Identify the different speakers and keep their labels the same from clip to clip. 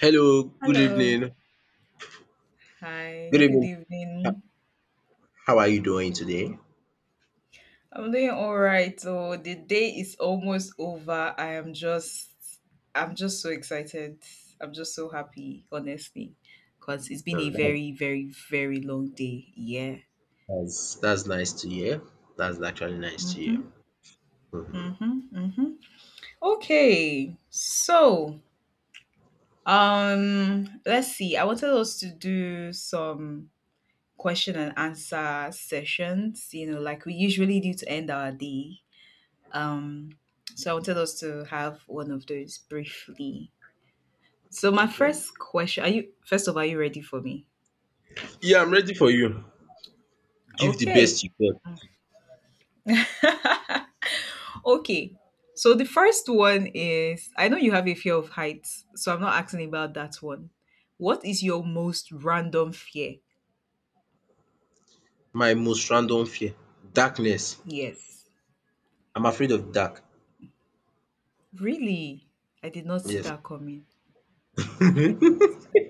Speaker 1: Hello, good
Speaker 2: Hello.
Speaker 1: evening.
Speaker 2: Hi.
Speaker 1: Good
Speaker 2: Good
Speaker 1: evening. Ho-
Speaker 2: evening.
Speaker 1: How are you doing today?
Speaker 2: I'm doing all right. So the day is almost over. I'm just so excited. I'm just so happy, honestly, because it's been a
Speaker 1: Um, that's,
Speaker 2: very, very, very long day. Yeah.
Speaker 1: that's nice to hear. That's actually nice to hear.
Speaker 2: Mm-hmm.
Speaker 1: Mhm.
Speaker 2: Mm-hmm. Mm-hmm. Okay. So, let's see. I wanted us to do some question and answer sessions, like we usually do to end our day. Um, so I wanted us to have one of those briefly. So my
Speaker 1: Okay.
Speaker 2: first question, are you first of all, are you ready for me?
Speaker 1: Yeah, I'm ready for you. Give the
Speaker 2: Okay.
Speaker 1: best you got.
Speaker 2: Okay. So the first one is I know you have a fear of heights, so I'm not asking about that one. What is your most random fear?
Speaker 1: My most random fear, darkness.
Speaker 2: Yes.
Speaker 1: I'm afraid of dark.
Speaker 2: Really? I did not see
Speaker 1: Yes.
Speaker 2: that coming. I did not see that.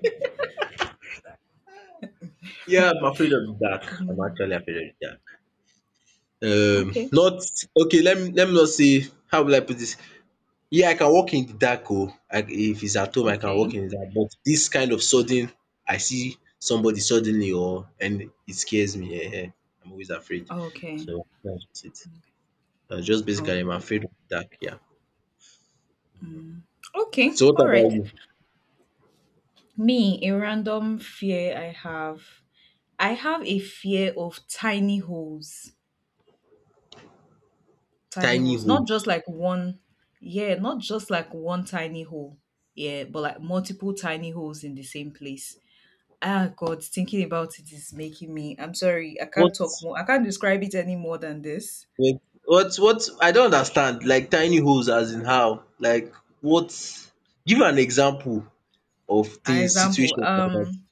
Speaker 1: Yeah, I'm afraid of dark. I'm
Speaker 2: Um,
Speaker 1: actually afraid of dark.
Speaker 2: okay.
Speaker 1: Not okay. Let me not say. How will I put this? Yeah, I can walk in the dark oh. I if it's at home I can
Speaker 2: Okay.
Speaker 1: walk in the dark, but this kind of sudden I see somebody suddenly or and it scares me. I'm always afraid.
Speaker 2: Okay.
Speaker 1: So that's just it. That's just basically I'm
Speaker 2: Okay.
Speaker 1: afraid of the dark, yeah.
Speaker 2: Mm. Okay.
Speaker 1: So what
Speaker 2: All right.
Speaker 1: about you?
Speaker 2: Me, a random fear I have. I have a fear of tiny holes. Tiny
Speaker 1: Tiny
Speaker 2: holes. Not just
Speaker 1: holes.
Speaker 2: like one, yeah, not just like one tiny hole. Yeah, but like multiple tiny holes in the same place. Ah, God, thinking about it is making me I'm sorry, I can't
Speaker 1: What
Speaker 2: talk more. I can't describe it any more than this.
Speaker 1: what what I don't understand, like tiny holes as in how? Like what? Give an example of
Speaker 2: An
Speaker 1: things
Speaker 2: example.
Speaker 1: situations like that.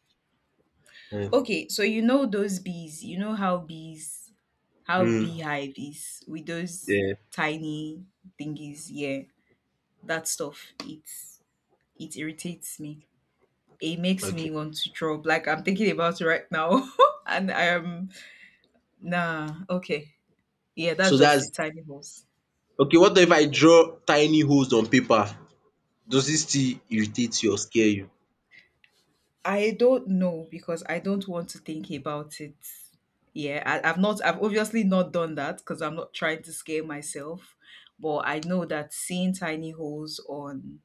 Speaker 1: um.
Speaker 2: Okay, so you know those bees, you know how bees how
Speaker 1: Hmm.
Speaker 2: beehive is, with those
Speaker 1: Yeah.
Speaker 2: tiny thingies, yeah, that stuff, it irritates me. It makes me
Speaker 1: Okay.
Speaker 2: want to drop. Like, I'm thinking about it right now and I am. Nah, okay. Yeah, that's
Speaker 1: So
Speaker 2: just the
Speaker 1: that's.
Speaker 2: tiny holes.
Speaker 1: Okay, what if I draw tiny holes on paper? Does it still irritate you or scare you?
Speaker 2: I don't know because I don't want to think about it. Yeah, I've obviously not done that because I'm not trying to scare myself, but I know that seeing tiny holes on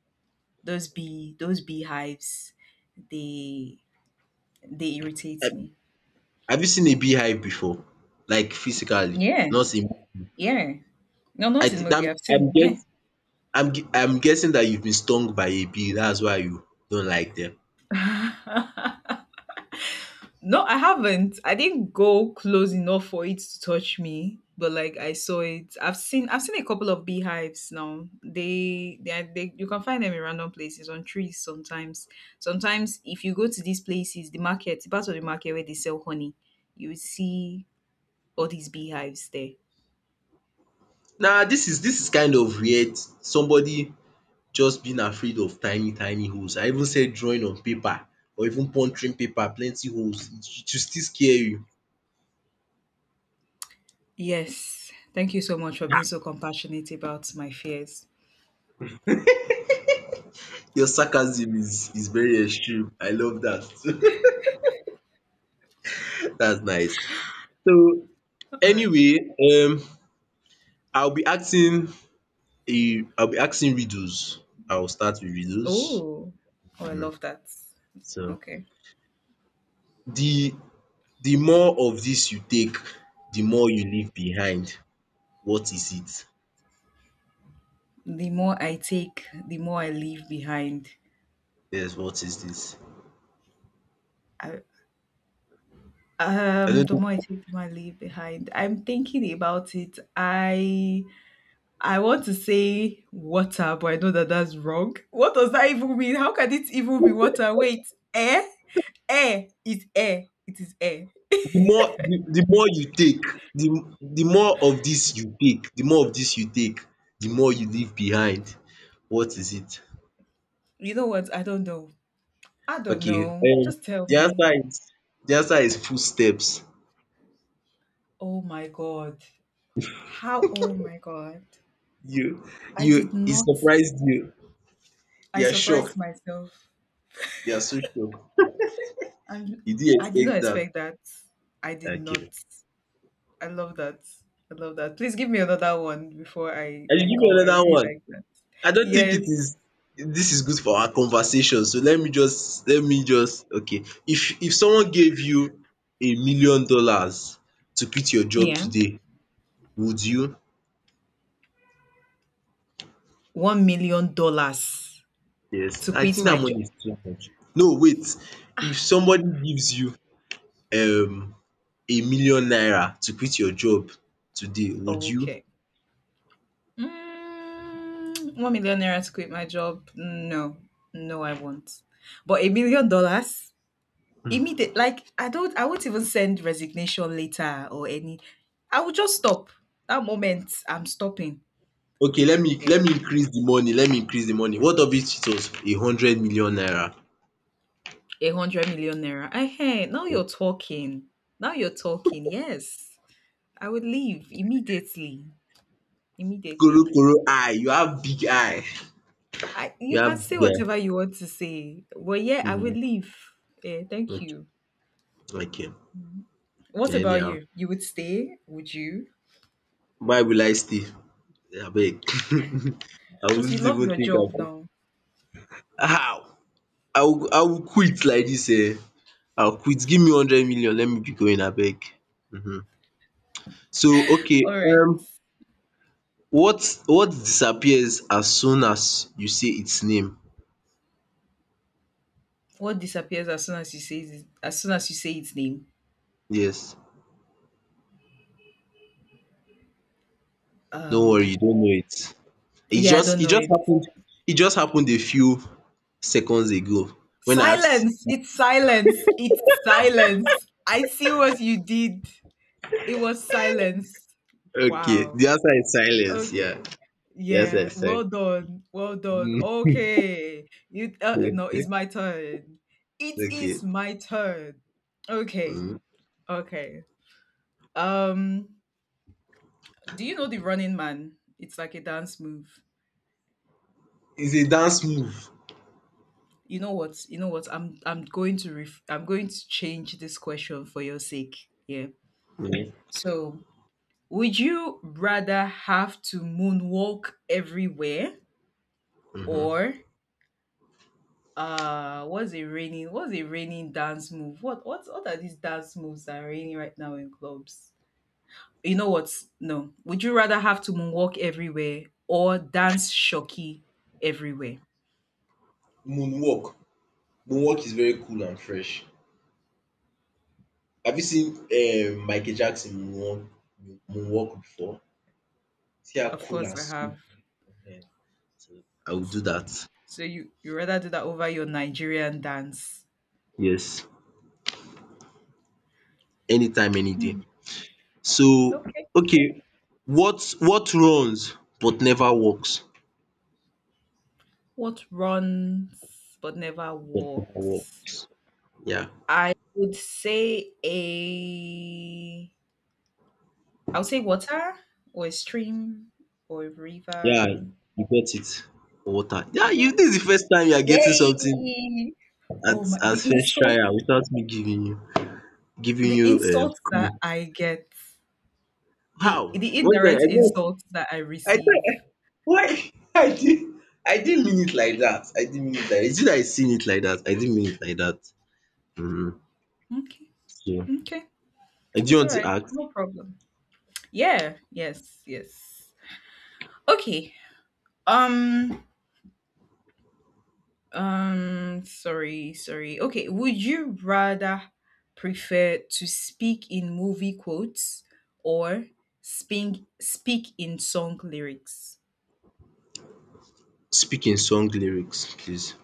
Speaker 2: those beehives, they they irritate
Speaker 1: Have
Speaker 2: me.
Speaker 1: have you seen a beehive before? Like physically,
Speaker 2: Yeah,
Speaker 1: not in.
Speaker 2: yeah. No,
Speaker 1: I
Speaker 2: not his
Speaker 1: think I'm
Speaker 2: movie. I've seen.
Speaker 1: I'm
Speaker 2: Yeah.
Speaker 1: guess I'm gue- I'm guessing that you've been stung by a bee, that's why you don't like them.
Speaker 2: No, I haven't. I didn't go close enough for it to touch me, but like I saw it. I've seen. I've seen a couple of beehives now. They, are, they. You can find them in random places on trees sometimes. Sometimes if you go to these places, the market, the part of the market where they sell honey, you will see all these beehives there.
Speaker 1: Nah, this is kind of weird. Somebody just being afraid of tiny tiny holes. I even said drawing on paper or even puncturing paper, plenty holes. It will still scare you.
Speaker 2: Yes. Thank you so much for being so compassionate about my fears.
Speaker 1: Your sarcasm is very extreme. I love that. That's nice. So
Speaker 2: All right.
Speaker 1: anyway, um I'll be asking I'll be asking riddles. I'll start with riddles.
Speaker 2: Oh, oh, I
Speaker 1: um
Speaker 2: love that.
Speaker 1: So
Speaker 2: Okay.
Speaker 1: the the more of this you take, the more you leave behind. What is it?
Speaker 2: The more I take, the more I leave behind.
Speaker 1: Yes, what is this?
Speaker 2: I,
Speaker 1: I don't
Speaker 2: the more I
Speaker 1: know.
Speaker 2: take, the more I leave behind. I'm thinking about it. I want to say water, but I know that that's wrong. What does that even mean? How can it even be water? Wait, air, air is air. It is air.
Speaker 1: The more the more you take, the the more of this you take, the more of this you take, the more you leave behind. What is it?
Speaker 2: You know what? I don't know. I don't
Speaker 1: Okay,
Speaker 2: know. Just tell
Speaker 1: the
Speaker 2: me.
Speaker 1: answer is the answer is footsteps.
Speaker 2: Oh my god. How? Oh my god.
Speaker 1: You
Speaker 2: I did
Speaker 1: you It
Speaker 2: not.
Speaker 1: surprised you.
Speaker 2: I
Speaker 1: You're
Speaker 2: surprised
Speaker 1: shocked.
Speaker 2: myself.
Speaker 1: You're so shocked.
Speaker 2: And
Speaker 1: You didn't
Speaker 2: I did not
Speaker 1: expect that.
Speaker 2: expect that. I did not.
Speaker 1: Okay.
Speaker 2: I love that. I love that. Please give me another one before I
Speaker 1: I should
Speaker 2: I
Speaker 1: give
Speaker 2: go.
Speaker 1: you
Speaker 2: I
Speaker 1: another
Speaker 2: really
Speaker 1: one.
Speaker 2: like that.
Speaker 1: I don't think
Speaker 2: Yes.
Speaker 1: it is this is good for our conversation. So let me just okay. If someone gave you $1 million to quit your job
Speaker 2: Yeah.
Speaker 1: today, would you?
Speaker 2: $1 million
Speaker 1: Yes.
Speaker 2: to
Speaker 1: I
Speaker 2: quit
Speaker 1: think that
Speaker 2: my job.
Speaker 1: money is too much. No, wait. If somebody gives you um 1 million naira to quit your job today, would you?
Speaker 2: Okay. ₦1 million to quit my job. No, no, I won't. But $1 million, immediate. Like, I don't. I won't even send resignation later or any. I will just stop that moment. I'm stopping.
Speaker 1: Okay, let me increase the money. Let me increase the money. What of it was a 100 million naira?
Speaker 2: ₦100 million. Hey, now you're talking. Now you're talking. Yes, I would leave immediately. Immediately.
Speaker 1: Korokoro eye, you have big eye.
Speaker 2: I You
Speaker 1: You
Speaker 2: can
Speaker 1: have
Speaker 2: say
Speaker 1: big eye
Speaker 2: whatever you want to say. Well, yeah, I would
Speaker 1: um
Speaker 2: leave. Yeah, thank
Speaker 1: okay.
Speaker 2: you.
Speaker 1: Okay.
Speaker 2: What about
Speaker 1: Anyhow,
Speaker 2: you? You would stay? Would you?
Speaker 1: why will I stay, abeg? I
Speaker 2: Because you
Speaker 1: wouldn't
Speaker 2: love
Speaker 1: even
Speaker 2: your
Speaker 1: think
Speaker 2: job
Speaker 1: about
Speaker 2: now.
Speaker 1: how I will quit like this. Eh, I will quit, give me 100 million, let me be going, abeg um so
Speaker 2: All
Speaker 1: okay
Speaker 2: right.
Speaker 1: um what disappears as soon as you say its name?
Speaker 2: What disappears as soon as you say it, as soon as you say its name?
Speaker 1: Yes. Don't worry, you
Speaker 2: Um.
Speaker 1: don't know it. It
Speaker 2: Yeah, I
Speaker 1: just
Speaker 2: don't
Speaker 1: it
Speaker 2: know
Speaker 1: just
Speaker 2: it.
Speaker 1: happened. It just happened a few seconds ago when I asked.
Speaker 2: Silence. It's silence. It's silence. I see what you did. It was silence.
Speaker 1: Okay,
Speaker 2: Wow.
Speaker 1: the answer is silence. Yeah,
Speaker 2: Okay.
Speaker 1: the answer
Speaker 2: Yeah.
Speaker 1: is
Speaker 2: Well
Speaker 1: silence.
Speaker 2: done. Well done.
Speaker 1: Mm.
Speaker 2: Okay. You. No, it's my turn. It
Speaker 1: Okay.
Speaker 2: is my turn. Okay.
Speaker 1: Mm.
Speaker 2: Okay. Um. Do you know the Running Man? It's like a dance move.
Speaker 1: It's a dance move.
Speaker 2: You know what? You know what? I'm going to change this question for your sake. Yeah.
Speaker 1: Mm.
Speaker 2: So, would you rather have to moonwalk everywhere,
Speaker 1: Mhm.
Speaker 2: or what's a raining dance move, what are these dance moves that are raining right now in clubs? You know what? No, would you rather have to moonwalk everywhere or dance shocky everywhere?
Speaker 1: Moonwalk. Moonwalk is very cool and fresh. Have you seen Michael Jackson moonwalk before? See how
Speaker 2: Of
Speaker 1: cool
Speaker 2: course
Speaker 1: and
Speaker 2: I have.
Speaker 1: smooth. Eh? I will do that.
Speaker 2: So you rather do that over your Nigerian dance?
Speaker 1: Yes. Anytime, any day.
Speaker 2: Hmm,
Speaker 1: So,
Speaker 2: okay.
Speaker 1: okay, what runs but never works?
Speaker 2: What runs but never
Speaker 1: But never
Speaker 2: walks?
Speaker 1: works. Yeah.
Speaker 2: I would say a i would say water, or a stream, or a
Speaker 1: Yeah,
Speaker 2: river.
Speaker 1: you get it. Water. Yeah,
Speaker 2: Yeah.
Speaker 1: you this is the first time you are getting something
Speaker 2: Yay!
Speaker 1: at
Speaker 2: Oh my, the
Speaker 1: as first
Speaker 2: insult,
Speaker 1: trial without me giving you giving
Speaker 2: the
Speaker 1: you a
Speaker 2: insults that
Speaker 1: clue.
Speaker 2: I get, the
Speaker 1: How?
Speaker 2: the
Speaker 1: What
Speaker 2: indirect
Speaker 1: the—
Speaker 2: insults that I
Speaker 1: I guess I
Speaker 2: receive.
Speaker 1: don't— why? I didn't mean it like that. I didn't mean it like that. Is it I seen it like that? I didn't mean it like that. Mm-hmm.
Speaker 2: Okay,
Speaker 1: So
Speaker 2: okay,
Speaker 1: I do
Speaker 2: it's all
Speaker 1: want to
Speaker 2: right,
Speaker 1: ask,
Speaker 2: no problem. Yeah, yes, yes. Okay. Um, Sorry, sorry. Okay, would you rather prefer to speak in movie quotes, or speak in song lyrics
Speaker 1: speak in song lyrics, please.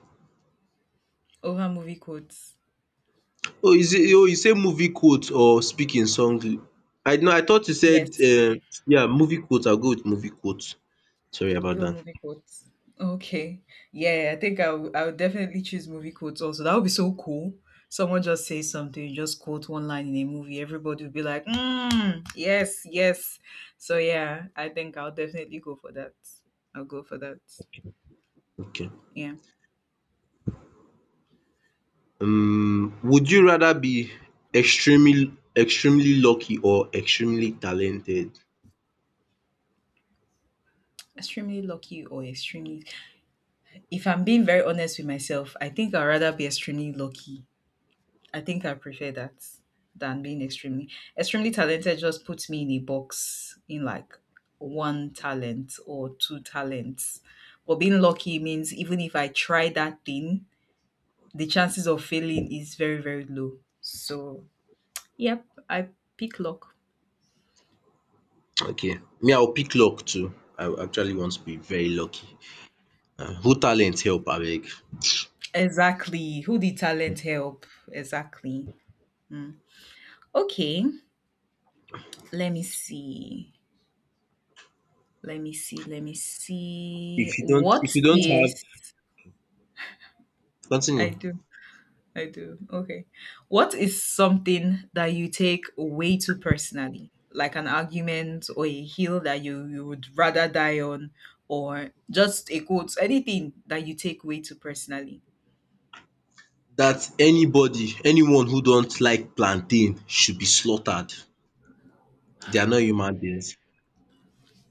Speaker 2: over movie quotes?
Speaker 1: Oh, is it? Oh, you say movie quotes or speaking song? I know. I thought you said
Speaker 2: Yes.
Speaker 1: yeah, movie quotes." I'll go with movie quotes. Sorry
Speaker 2: You
Speaker 1: about
Speaker 2: go
Speaker 1: that.
Speaker 2: movie quotes. Okay. Yeah, I think I would definitely choose movie quotes also. That would be so cool. Someone just says something, you just quote one line in a movie, everybody would be like, mm, yes, yes. So yeah, I think I'll definitely go for that. I'll go for that.
Speaker 1: Okay.
Speaker 2: Yeah.
Speaker 1: Would you rather be extremely extremely lucky or extremely talented?
Speaker 2: Extremely lucky or extremely. If I'm being very honest with myself, I think I'd rather be extremely lucky. I think I prefer that than being extremely talented. Just puts me in a box in like one talent or two talents. But being lucky means even if I try that thing, the chances of failing is very, very low. So yep, I pick luck.
Speaker 1: Okay. Me, I'll pick luck too. I actually want to be very lucky. Who talent help, abeg?
Speaker 2: Exactly. Who did talent help? Exactly. Mm. Okay. Let me see. Let me see. Let me see.
Speaker 1: If you don't
Speaker 2: What
Speaker 1: if you don't have,
Speaker 2: is I
Speaker 1: continue.
Speaker 2: do. I do. Okay. What is something that you take way too personally? Like an argument, or a hill that you would rather die on, or just a quote, anything that you take way too personally.
Speaker 1: That anybody anyone who don't like plantain should be slaughtered. They are not human beings.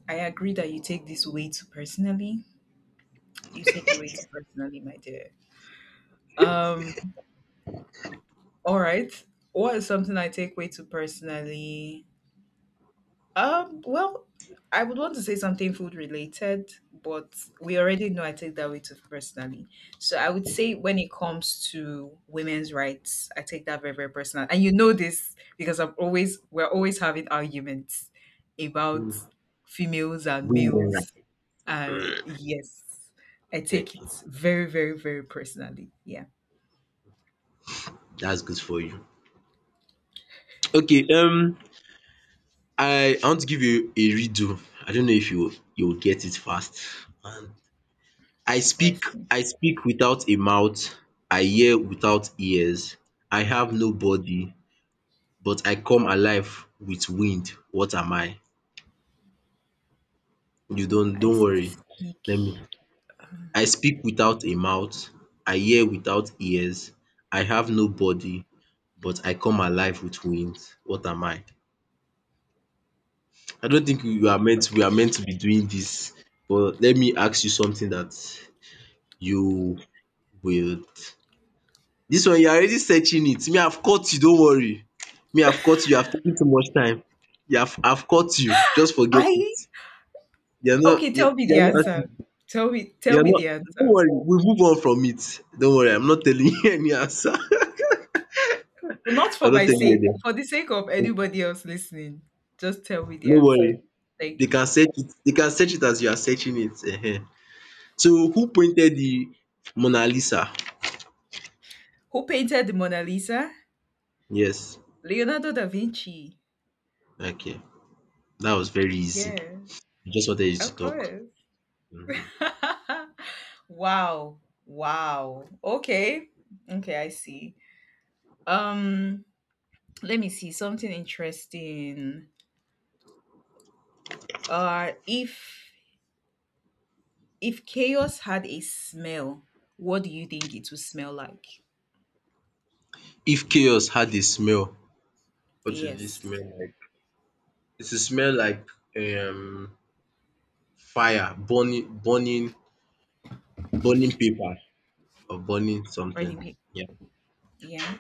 Speaker 2: I agree that you take this way too personally. You take it way too personally, my dear. Um, all right. What is something I take way too personally? Well, I would want to say something food related, but we already know I take that way too personally. So I would say when it comes to women's rights, I take that very, very personal. And you know this because I'm always we're always having arguments about females and
Speaker 1: Women,
Speaker 2: males.
Speaker 1: like
Speaker 2: And yes, I
Speaker 1: like,
Speaker 2: take it very, very, very personally. Yeah.
Speaker 1: that's good for you. Okay, I want to give you a riddle. I don't know if you will get it fast. Um, I
Speaker 2: Let's
Speaker 1: speak,
Speaker 2: see.
Speaker 1: I speak without a mouth. I hear without ears. I have no body, but I come alive with wind. What am I? You don't
Speaker 2: I
Speaker 1: don't worry. Let me
Speaker 2: speak.
Speaker 1: I speak without a mouth. I hear without ears. I have no body, but I come alive with wings. What am I? I don't think we are meant
Speaker 2: Okay.
Speaker 1: we are meant to be doing this. But let me ask you something that you will this one you are already searching it. Me, I've caught you. Don't worry, me, I've caught you. You have taken too much time. You have I've caught you, just forget
Speaker 2: I
Speaker 1: it. You are not
Speaker 2: Okay, tell
Speaker 1: you
Speaker 2: me the answer. Tell me
Speaker 1: you
Speaker 2: tell
Speaker 1: are
Speaker 2: me
Speaker 1: not
Speaker 2: the
Speaker 1: Don't
Speaker 2: answer.
Speaker 1: worry, we move on from it. Don't worry, I'm not telling you any answer.
Speaker 2: Not
Speaker 1: I
Speaker 2: for
Speaker 1: don't
Speaker 2: my
Speaker 1: tell
Speaker 2: sake,
Speaker 1: you
Speaker 2: for the sake of
Speaker 1: earlier.
Speaker 2: anybody else listening. Just tell me the
Speaker 1: No
Speaker 2: answer.
Speaker 1: worry. They
Speaker 2: Thank you.
Speaker 1: can search it. They can search it as you are searching it. Ehen. So who painted the Mona Lisa?
Speaker 2: Who painted the Mona Lisa?
Speaker 1: Yes.
Speaker 2: Leonardo da Vinci.
Speaker 1: Okay. That was very easy.
Speaker 2: Yeah,
Speaker 1: I just wanted you
Speaker 2: of
Speaker 1: to talk.
Speaker 2: course.
Speaker 1: Mhm.
Speaker 2: Wow. Wow. Okay. Okay, I see. Um, let me see something interesting. Uh if if chaos had a smell, what do you think it would smell like?
Speaker 1: If chaos had a smell, what would it smell
Speaker 2: Yes.
Speaker 1: like? It would smell like um fire, burning, burning, burning paper or burning something.
Speaker 2: Running.
Speaker 1: Yeah.
Speaker 2: Yeah.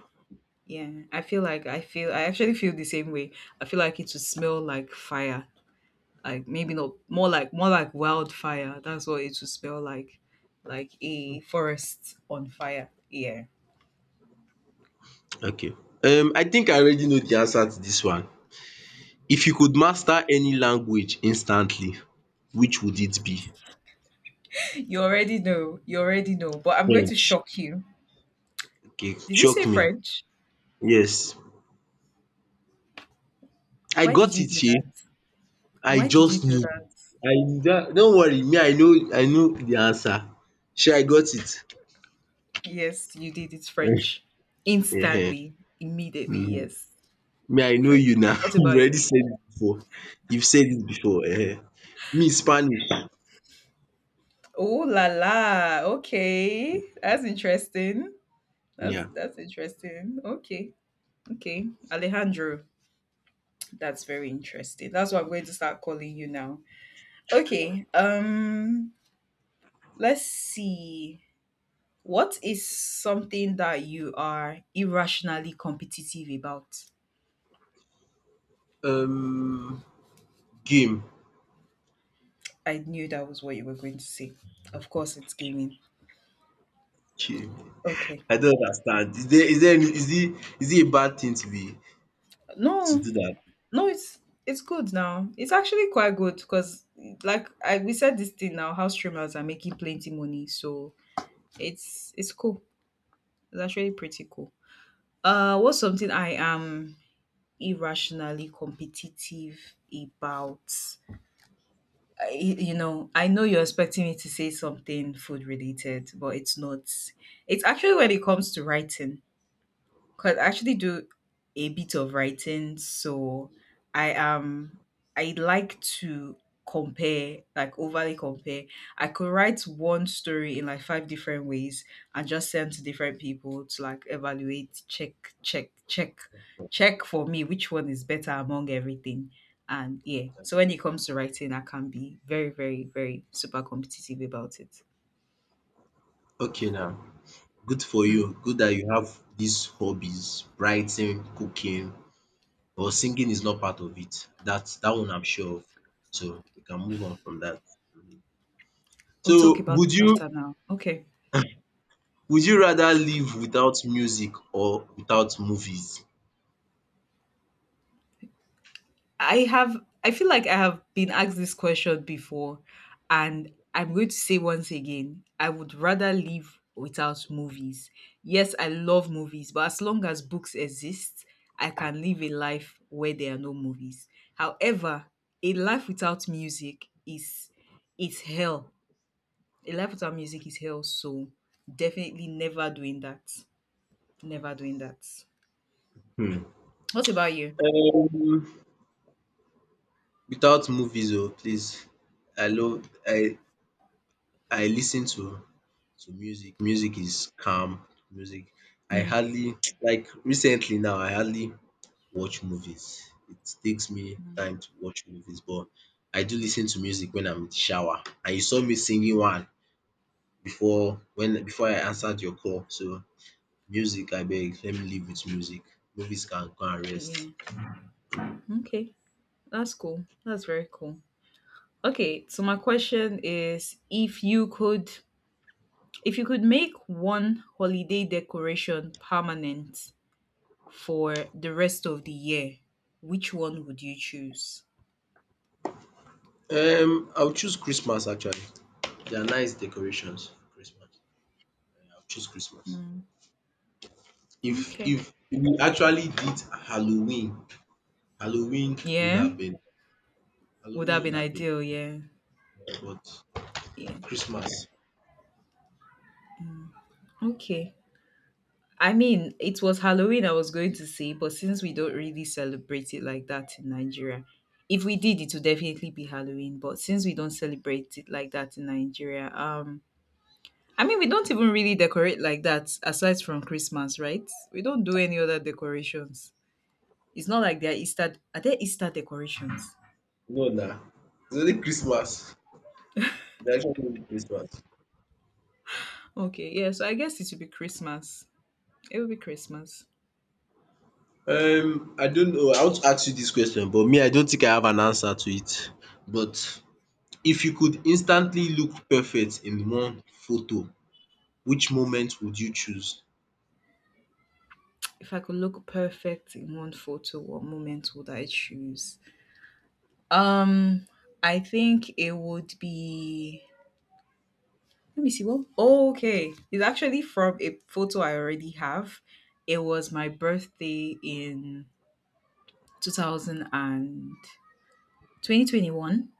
Speaker 2: Yeah, I feel like I actually feel the same way. I feel like it would smell like fire. Like, maybe not, more like wildfire. That's what it would smell like. Like a forest on fire. Yeah.
Speaker 1: Okay. I think I already know the answer to this one. If you could master any language instantly, which would it be?
Speaker 2: You already know. You already know. But I'm going to
Speaker 1: French.
Speaker 2: shock you.
Speaker 1: Okay,
Speaker 2: Did you
Speaker 1: shock
Speaker 2: say
Speaker 1: me.
Speaker 2: French?
Speaker 1: Yes, I
Speaker 2: Why did
Speaker 1: got
Speaker 2: you
Speaker 1: it,
Speaker 2: do
Speaker 1: shey?
Speaker 2: that?
Speaker 1: I
Speaker 2: Why did you
Speaker 1: just
Speaker 2: do
Speaker 1: knew.
Speaker 2: that?
Speaker 1: I don't worry, me, I know the answer. Sure, I got it.
Speaker 2: Yes, you did. It's French.
Speaker 1: um
Speaker 2: Instantly. Immediately, yes.
Speaker 1: Me, I know
Speaker 2: French.
Speaker 1: you now?
Speaker 2: What
Speaker 1: You
Speaker 2: about
Speaker 1: already
Speaker 2: you?
Speaker 1: said it before. You've said it before. Me, Spanish.
Speaker 2: Oh la la. Okay. That's interesting. That's
Speaker 1: Yeah.
Speaker 2: that's interesting. Okay. Okay. Alejandro, that's very interesting. That's what I'm going to start calling you now. Okay. Let's see. What is something that you are irrationally competitive about?
Speaker 1: um Game.
Speaker 2: I knew that was what you were going to say. Of course it's gaming.
Speaker 1: Okay.
Speaker 2: Okay.
Speaker 1: I don't understand, is there any, is it a bad thing to
Speaker 2: No,
Speaker 1: do that.
Speaker 2: no, it's good now. It's actually quite good because, like, I we said this thing now, how streamers are making plenty money, so it's cool. It's actually pretty cool. What's something I am irrationally competitive about? I know you're expecting me to say something food related, but it's not. It's actually when it comes to writing. Cause I actually do a bit of writing, so I am I like to compare, like overly compare. I could write one story in like five different ways and just send to different people to like evaluate, check, check, check, check for me which one is better among everything. And yeah, so when it comes to writing, I can be very, very, very super competitive about it.
Speaker 1: Okay, now, good for
Speaker 2: Mm.
Speaker 1: you. Good that you have these hobbies: writing, cooking, or singing is not part of it. That's that one I'm sure of. So we can move on from that. Mhm.
Speaker 2: We'll talk
Speaker 1: So
Speaker 2: about
Speaker 1: would
Speaker 2: it
Speaker 1: you
Speaker 2: after now. Okay.
Speaker 1: would you rather live without music or without movies?
Speaker 2: I have I feel like I have been asked this question before, and I'm going to say once again, I would rather live without movies. Yes, I love movies, but as long as books exist, I can live a life where there are no movies. However, a life without music is hell. A life without music is hell, so definitely never doing that. Never doing that.
Speaker 1: Hmm.
Speaker 2: What about you?
Speaker 1: Um, Without movies, oh please. I love I listen to music. Music is calm. Music. I
Speaker 2: Yeah.
Speaker 1: hardly like recently now. I hardly watch movies. It takes me time to watch movies, but I do listen to music when I'm in the shower, and you saw me singing one before I answered your call. So music, I beg, let me live with music. Movies can go and rest.
Speaker 2: Yeah. Okay. That's cool. That's very cool. Okay, so my question is if you could make one holiday decoration permanent for the rest of the year, which one would you choose?
Speaker 1: I will choose Christmas actually. There are nice decorations for Christmas. I will choose Christmas.
Speaker 2: Mm,
Speaker 1: If
Speaker 2: okay.
Speaker 1: if we actually did Halloween, Halloween would
Speaker 2: Yeah,
Speaker 1: have been
Speaker 2: would have
Speaker 1: Halloween
Speaker 2: been
Speaker 1: would have been
Speaker 2: ideal. Yeah,
Speaker 1: better, but
Speaker 2: yeah.
Speaker 1: Christmas—
Speaker 2: Okay. I mean, it was Halloween I was going to say, but since we don't really celebrate it like that in Nigeria, if we did, it would definitely be Halloween. But since we don't celebrate it like that in Nigeria, I mean, we don't even really decorate like that aside from Christmas, right? We don't do any other decorations. It's not like there are Easter. Are there Easter decorations?
Speaker 1: No nah, it's only Christmas. Nah, it's actually only Christmas.
Speaker 2: Okay, yeah. So I guess it would be Christmas. It would be Christmas.
Speaker 1: I don't know. I want to ask you this question, but me, I don't think I have an answer to it. But if you could instantly look perfect in one photo, which moment would you choose?
Speaker 2: If I could look perfect in one photo, what moment would I choose? Um, I think it would be. Let me see. What? Oh, okay, it's actually from a photo I already have. It was my birthday in 2000 and 2021,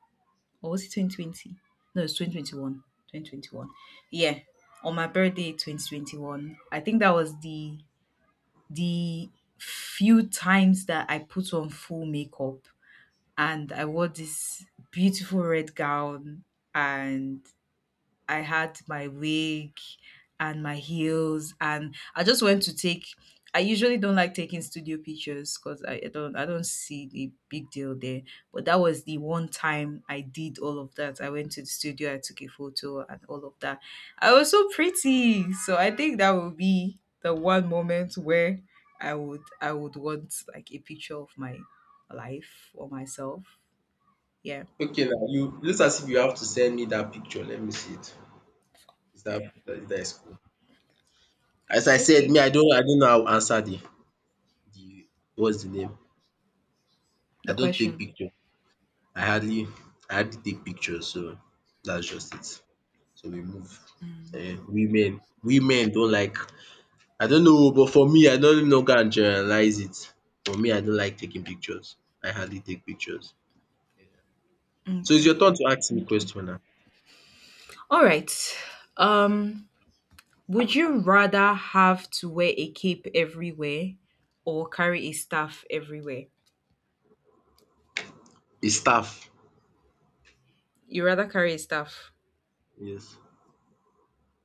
Speaker 2: or was it 2020? No, it's 2021. 2021. Yeah. On my birthday 2021. I think that was the few times that I put on full makeup and I wore this beautiful red gown and I had my wig and my heels, and I just went to take. I usually don't like taking studio pictures because I don't see the big deal there. But that was the one time I did all of that. I went to the studio, I took a photo, and all of that. I was so pretty, so I think that will be the one moment where I would want like a picture of my life or myself. Yeah.
Speaker 1: Okay, now you looks as if you have to send me that picture. Let me see it. That is cool. As I said,
Speaker 2: Okay.
Speaker 1: me, I don't know how to answer the— what's the name?
Speaker 2: The
Speaker 1: I don't take
Speaker 2: question.
Speaker 1: picture. I hardly, I hardly take pictures. So that's just it. So we move. Women don't like— I don't know, but for me, I no no know can generalize it. For me, I don't like taking pictures. I hardly take pictures. So it's
Speaker 2: Okay.
Speaker 1: your turn to ask me question now.
Speaker 2: All right. Um, would you rather have to wear a cape everywhere or carry a staff everywhere?
Speaker 1: It's tough.
Speaker 2: You rather carry a staff.
Speaker 1: Yes.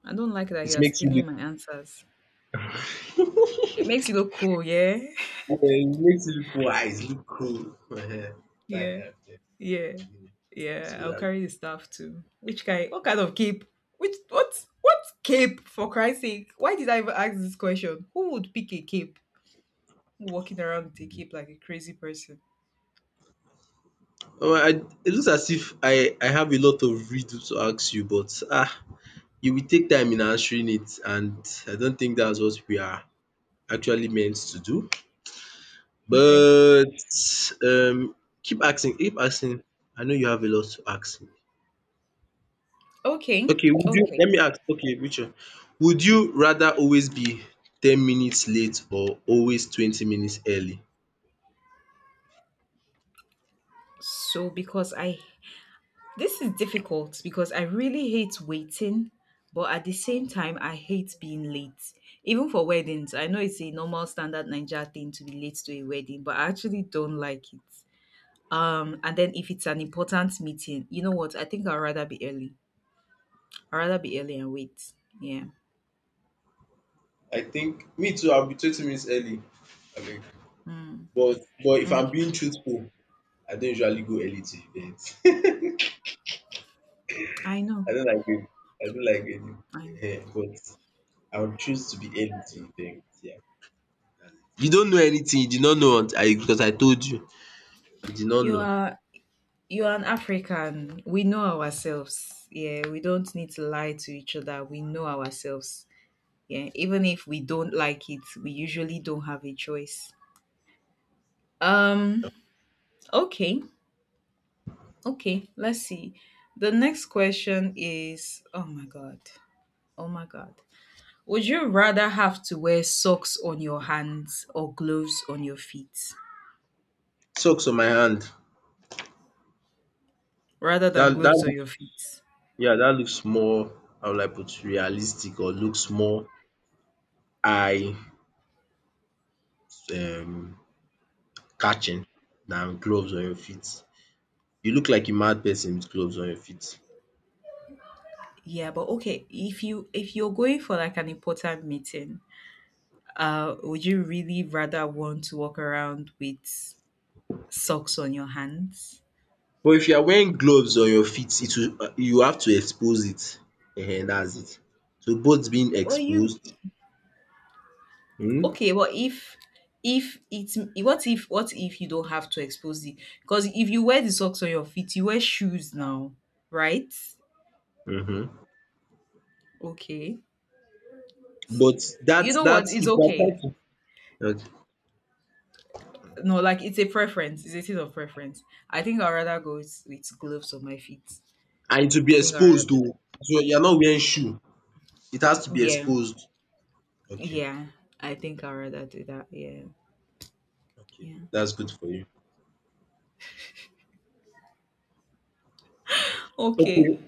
Speaker 2: I don't like that
Speaker 1: It
Speaker 2: you are
Speaker 1: makes you
Speaker 2: stealing
Speaker 1: look
Speaker 2: my answers. It makes you look cool, yeah?
Speaker 1: wise, look cool. Dat
Speaker 2: Yeah,
Speaker 1: kind of thing.
Speaker 2: yeah, yeah.
Speaker 1: So
Speaker 2: I'll
Speaker 1: that.
Speaker 2: carry the staff too. Which guy? What kind of cape? Which what? What cape? For Christ's sake! Why did I even ask this question? Who would pick a cape? Walking around with a cape like a crazy person.
Speaker 1: Omo, I it looks as if I have a lot of riddle to ask you, but you will take time in answering it, and I don't think that's what we are actually meant to do.
Speaker 2: Okay.
Speaker 1: But um keep asking, keep asking. I know you have a lot to ask me.
Speaker 2: Okay.
Speaker 1: Okay, would you
Speaker 2: Okay.
Speaker 1: let me ask okay Richard, would you rather always be 10 minutes late or always 20 minutes early?
Speaker 2: Because I this is difficult because I really hate waiting, but at the same time I hate being late. Even for weddings, I know it's a normal standard Ninja thing to be late to a wedding, but I actually don't like it. And then if it's an important meeting, you know what? I think I'd rather be early. I'd rather be early and wait. Yeah.
Speaker 1: I think me too, I'll be 20 minutes early. I mean,
Speaker 2: Mm,
Speaker 1: but if I'm
Speaker 2: okay.
Speaker 1: being truthful, I don't usually go early to events.
Speaker 2: I know.
Speaker 1: I don't like it. I don't like it.
Speaker 2: I know.
Speaker 1: But I would choose to be early to events, yeah. You don't know anything, you did not know until I because I told you. You did not
Speaker 2: You
Speaker 1: know.
Speaker 2: are you are an African. We know ourselves. Yeah, we don't need to lie to each other. We know ourselves. Yeah, even if we don't like it, we usually don't have a choice. um okay, okay, let's see, the next question is, oh my god, oh my god, would you rather have to wear socks on your hands or gloves on your feet
Speaker 1: Socks on my hand.
Speaker 2: rather than
Speaker 1: That
Speaker 2: gloves
Speaker 1: that
Speaker 2: on your feet?
Speaker 1: yeah, that looks more, how will I put, realistic or looks more eye um catching than gloves on your feet. You look like a mad person with gloves on your feet.
Speaker 2: Yeah, but okay, if you're going for like an important meeting, would you really rather want to walk around with socks on your hands?
Speaker 1: But if you are wearing gloves on your feet, it will you have to expose it. Ehen, that's it. So both being
Speaker 2: Well, you
Speaker 1: exposed um
Speaker 2: Okay, but if it's what if you don't have to expose it? Because if you wear the socks on your feet, you wear shoes now, right?
Speaker 1: mhm.
Speaker 2: Okay.
Speaker 1: but that
Speaker 2: You know
Speaker 1: that
Speaker 2: what? It's
Speaker 1: if you are trying
Speaker 2: okay.
Speaker 1: to okay
Speaker 2: No, like it's a preference. It's a thing of preference. I think I'd rather go with gloves on my feet.
Speaker 1: and it will
Speaker 2: I
Speaker 1: be
Speaker 2: think I'd rather
Speaker 1: exposed
Speaker 2: do
Speaker 1: oh.
Speaker 2: that.
Speaker 1: So you are not wearing shoe. It has to be
Speaker 2: Yeah.
Speaker 1: exposed. Okay.
Speaker 2: Yeah. I think I'd rather do that. Yeah.
Speaker 1: Okay,
Speaker 2: Yeah.
Speaker 1: that's good for you. Okay,
Speaker 2: Okay.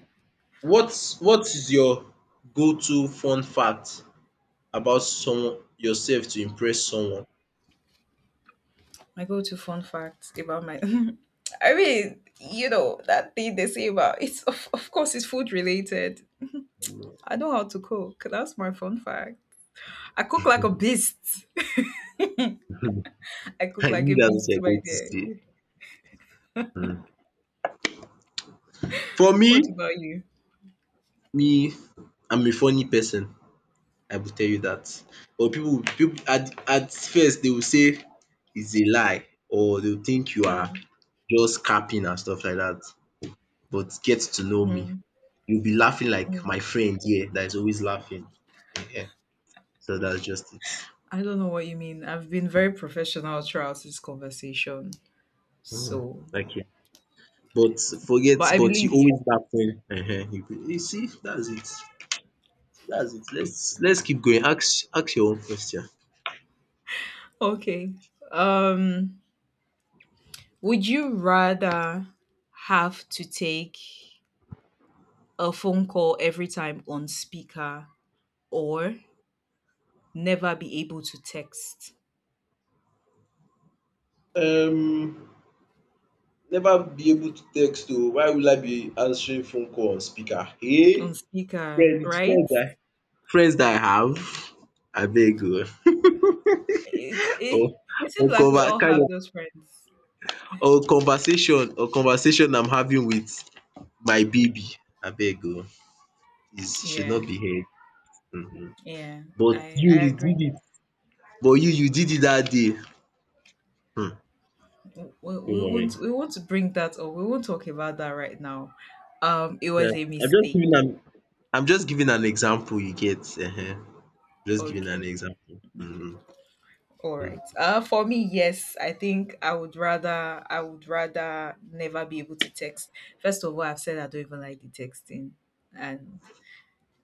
Speaker 1: what is your go-to fun fact about someone yourself to impress someone?
Speaker 2: My go-to fun fact about my I mean, you know, that thing they say about it's of course it's food related. I know how to cook. That's my fun fact. I cook like a beast. I cook
Speaker 1: I
Speaker 2: like a
Speaker 1: knew that's what
Speaker 2: beast,
Speaker 1: you're
Speaker 2: my
Speaker 1: going to
Speaker 2: dear.
Speaker 1: say. For me,
Speaker 2: What about you?
Speaker 1: me, I'm a funny person. I will tell you that. But people at first they will say it's a lie, or they will think you are
Speaker 2: Mm,
Speaker 1: just capping and stuff like that. But get to know me,
Speaker 2: mm,
Speaker 1: you'll be laughing like
Speaker 2: mm.
Speaker 1: my friend here that is always laughing. Ehen. So that's just it.
Speaker 2: I don't know what you mean. I've been very professional throughout this conversation.
Speaker 1: Mm,
Speaker 2: So,
Speaker 1: okay. But forget
Speaker 2: but I
Speaker 1: but you
Speaker 2: believe you.
Speaker 1: always baffle . You see that's it. That's it, let's keep going, ask your own question.
Speaker 2: Okay. Um, would you rather have to take a phone call every time on speaker or never be able to text
Speaker 1: Um, never be able to text oo. Why will I be answering phone call on speaker?
Speaker 2: on
Speaker 1: Hey!
Speaker 2: speaker,
Speaker 1: Friends with
Speaker 2: right?
Speaker 1: friends I friends dat I have abeg oo.
Speaker 2: It's
Speaker 1: or
Speaker 2: it, it seems
Speaker 1: or
Speaker 2: like we
Speaker 1: conver
Speaker 2: all
Speaker 1: kind
Speaker 2: have
Speaker 1: of
Speaker 2: those friends.
Speaker 1: or conversation I'm having with my baby abeg oo, please she should
Speaker 2: Yeah,
Speaker 1: not be heard. um
Speaker 2: yeah,
Speaker 1: But
Speaker 2: I
Speaker 1: you
Speaker 2: I
Speaker 1: you
Speaker 2: agree.
Speaker 1: did it. But you did it that day. Hmm.
Speaker 2: We,
Speaker 1: Don't
Speaker 2: we won't
Speaker 1: worry.
Speaker 2: we won't bring that up. We won't talk about that right now. It
Speaker 1: Yeah.
Speaker 2: was a
Speaker 1: I'm just
Speaker 2: mistake.
Speaker 1: giving an I'm just giving an example you get. Just giving an
Speaker 2: Okay.
Speaker 1: example.
Speaker 2: Okay.
Speaker 1: Mm,
Speaker 2: All right.
Speaker 1: mm.
Speaker 2: For me, yes, I think I would rather never be able to text. First of all, I've said I don't even like the texting, and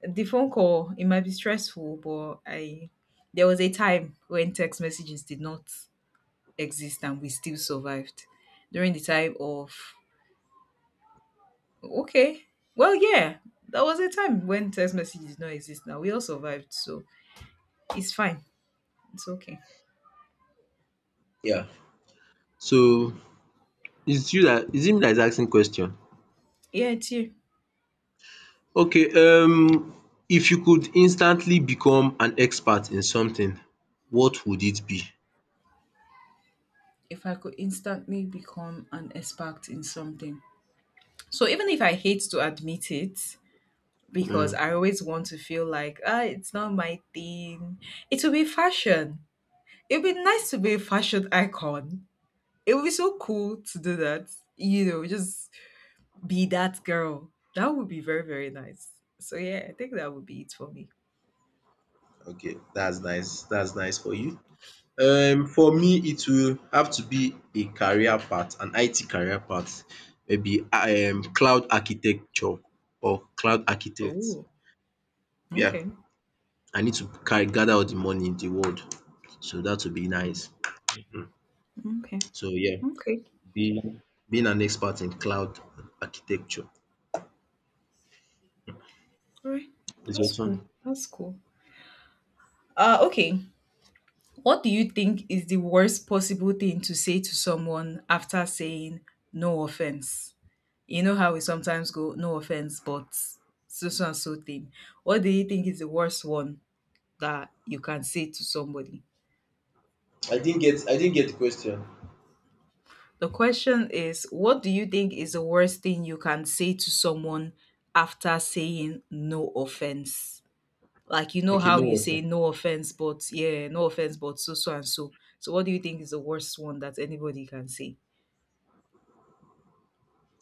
Speaker 2: the phone call it might be stressful, but I there was a time when text messages did not exist and we still survived during the time of okay, well, yeah, that was a time when text messages did not exist. Now we all survived, so it's fine. It's okay.
Speaker 1: Yeah. So it's you that it's him that is asking question.
Speaker 2: Yeah, it's you.
Speaker 1: Okay, if you could instantly become an expert in something, what would it be?
Speaker 2: If I could instantly become an expert in something. So even if I hate to admit it, because
Speaker 1: Mm.
Speaker 2: I always want to feel like, ah, it's not my thing, it will be fashion. It would be nice to be a fashion icon. It would be so cool to do that. You know, just be that girl. That would be very, very nice. So yeah, I think that would be it for me.
Speaker 1: Okay, that's nice. That's nice for you. Um for me it will have to be a career path an IT career path, maybe
Speaker 2: Mm.
Speaker 1: cloud architecture or cloud architect,
Speaker 2: Oh,
Speaker 1: yeah.
Speaker 2: okay.
Speaker 1: I need to carry gather all the money in the world, so that would be
Speaker 2: Mm.
Speaker 1: nice. Um
Speaker 2: Okay.
Speaker 1: so yeah,
Speaker 2: Okay.
Speaker 1: being being an expert in cloud architecture
Speaker 2: All right.
Speaker 1: is
Speaker 2: That's
Speaker 1: your turn.
Speaker 2: cool. That's cool. Okay. What do you think is the worst possible thing to say to someone after saying no offense? You know how we sometimes go, no offense, but so so and so thing. What do you think is the worst one that you can say to somebody?
Speaker 1: I didn't get the question.
Speaker 2: The question is, what do you think is the worst thing you can say to someone after saying no offense? Like you know
Speaker 1: Okay,
Speaker 2: how
Speaker 1: no
Speaker 2: you say
Speaker 1: offense.
Speaker 2: no offense, but yeah, no offense, but so so and so. So what do you think is the worst one that anybody can say?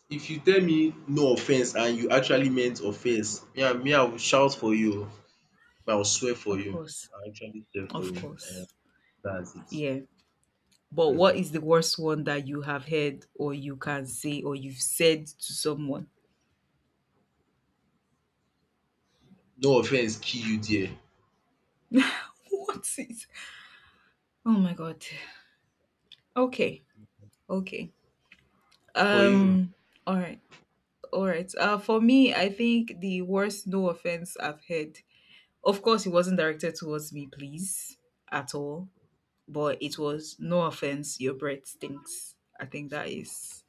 Speaker 1: If you tell me no offense and you actually meant offense yeah, me I will shout for you, I will swear for
Speaker 2: Of
Speaker 1: you.
Speaker 2: course.
Speaker 1: I'll actually swear for
Speaker 2: Of
Speaker 1: you. And
Speaker 2: course.
Speaker 1: that's it.
Speaker 2: Yeah. But what
Speaker 1: Mm.
Speaker 2: is the worst one that you have heard or you can say or you've said to someone?
Speaker 1: No offense kill you there.
Speaker 2: What is Oh my god. Okay. Okay.
Speaker 1: For you.
Speaker 2: Um all right. All right. For me, I think the worst no offense I've heard. Of course it wasn't directed towards me, please, at all. But it was no offense, your breath stinks. I think that is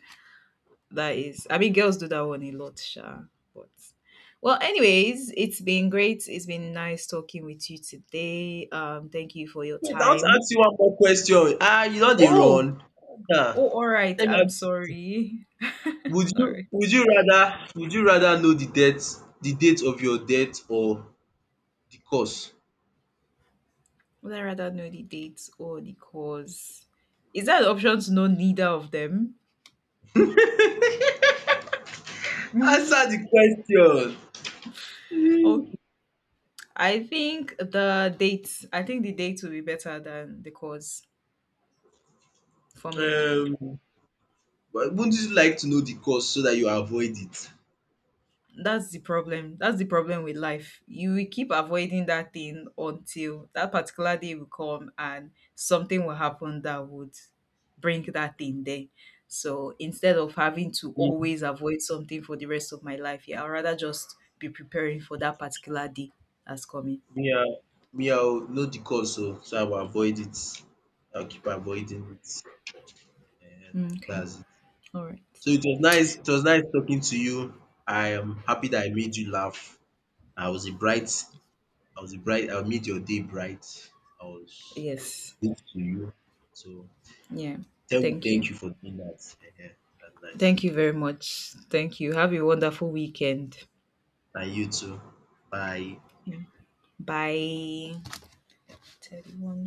Speaker 2: That is, I mean, girls do that one a lot, sha. But well, anyways, it's been great. It's been nice talking with you today. Thank you for your
Speaker 1: Wait, I want to
Speaker 2: time.
Speaker 1: ask you one more question. Ah, you no dey
Speaker 2: Oh,
Speaker 1: run? Ah,
Speaker 2: oh, all right.
Speaker 1: let me
Speaker 2: I'm
Speaker 1: ask,
Speaker 2: sorry.
Speaker 1: would
Speaker 2: All
Speaker 1: you
Speaker 2: right.
Speaker 1: would you rather would you rather know the date? The date of your death or the cause?
Speaker 2: Would I rather know the dates or the cause? Is that an option to know neither of them?
Speaker 1: Answer the question.
Speaker 2: Okay. I think the dates. I think the dates will be better than the cause for
Speaker 1: Hmm.
Speaker 2: me.
Speaker 1: But wouldn't you like to know the cause so that you avoid it?
Speaker 2: That's the problem, that's the problem with life, you will keep avoiding that thing until that particular day will come and something will happen that would bring that thing there. So instead of having to always avoid something for the rest of my life, yeah, I'd rather just be preparing for that particular day that's coming.
Speaker 1: Me, I will know the cause oh, so I will avoid it. I'll keep avoiding it. Ehen,
Speaker 2: Mm, okay,
Speaker 1: that's it.
Speaker 2: all right,
Speaker 1: So it was nice talking to you. I am happy that I made you laugh. I was a bright I made your day bright. I was
Speaker 2: yes,
Speaker 1: good to you. So
Speaker 2: yeah,
Speaker 1: tell me
Speaker 2: thank
Speaker 1: thank
Speaker 2: you,
Speaker 1: you for doing that. Ehen, that's nice.
Speaker 2: thank you very much, thank you, have a wonderful weekend.
Speaker 1: And you too. Bye.
Speaker 2: Yeah. Bye. 31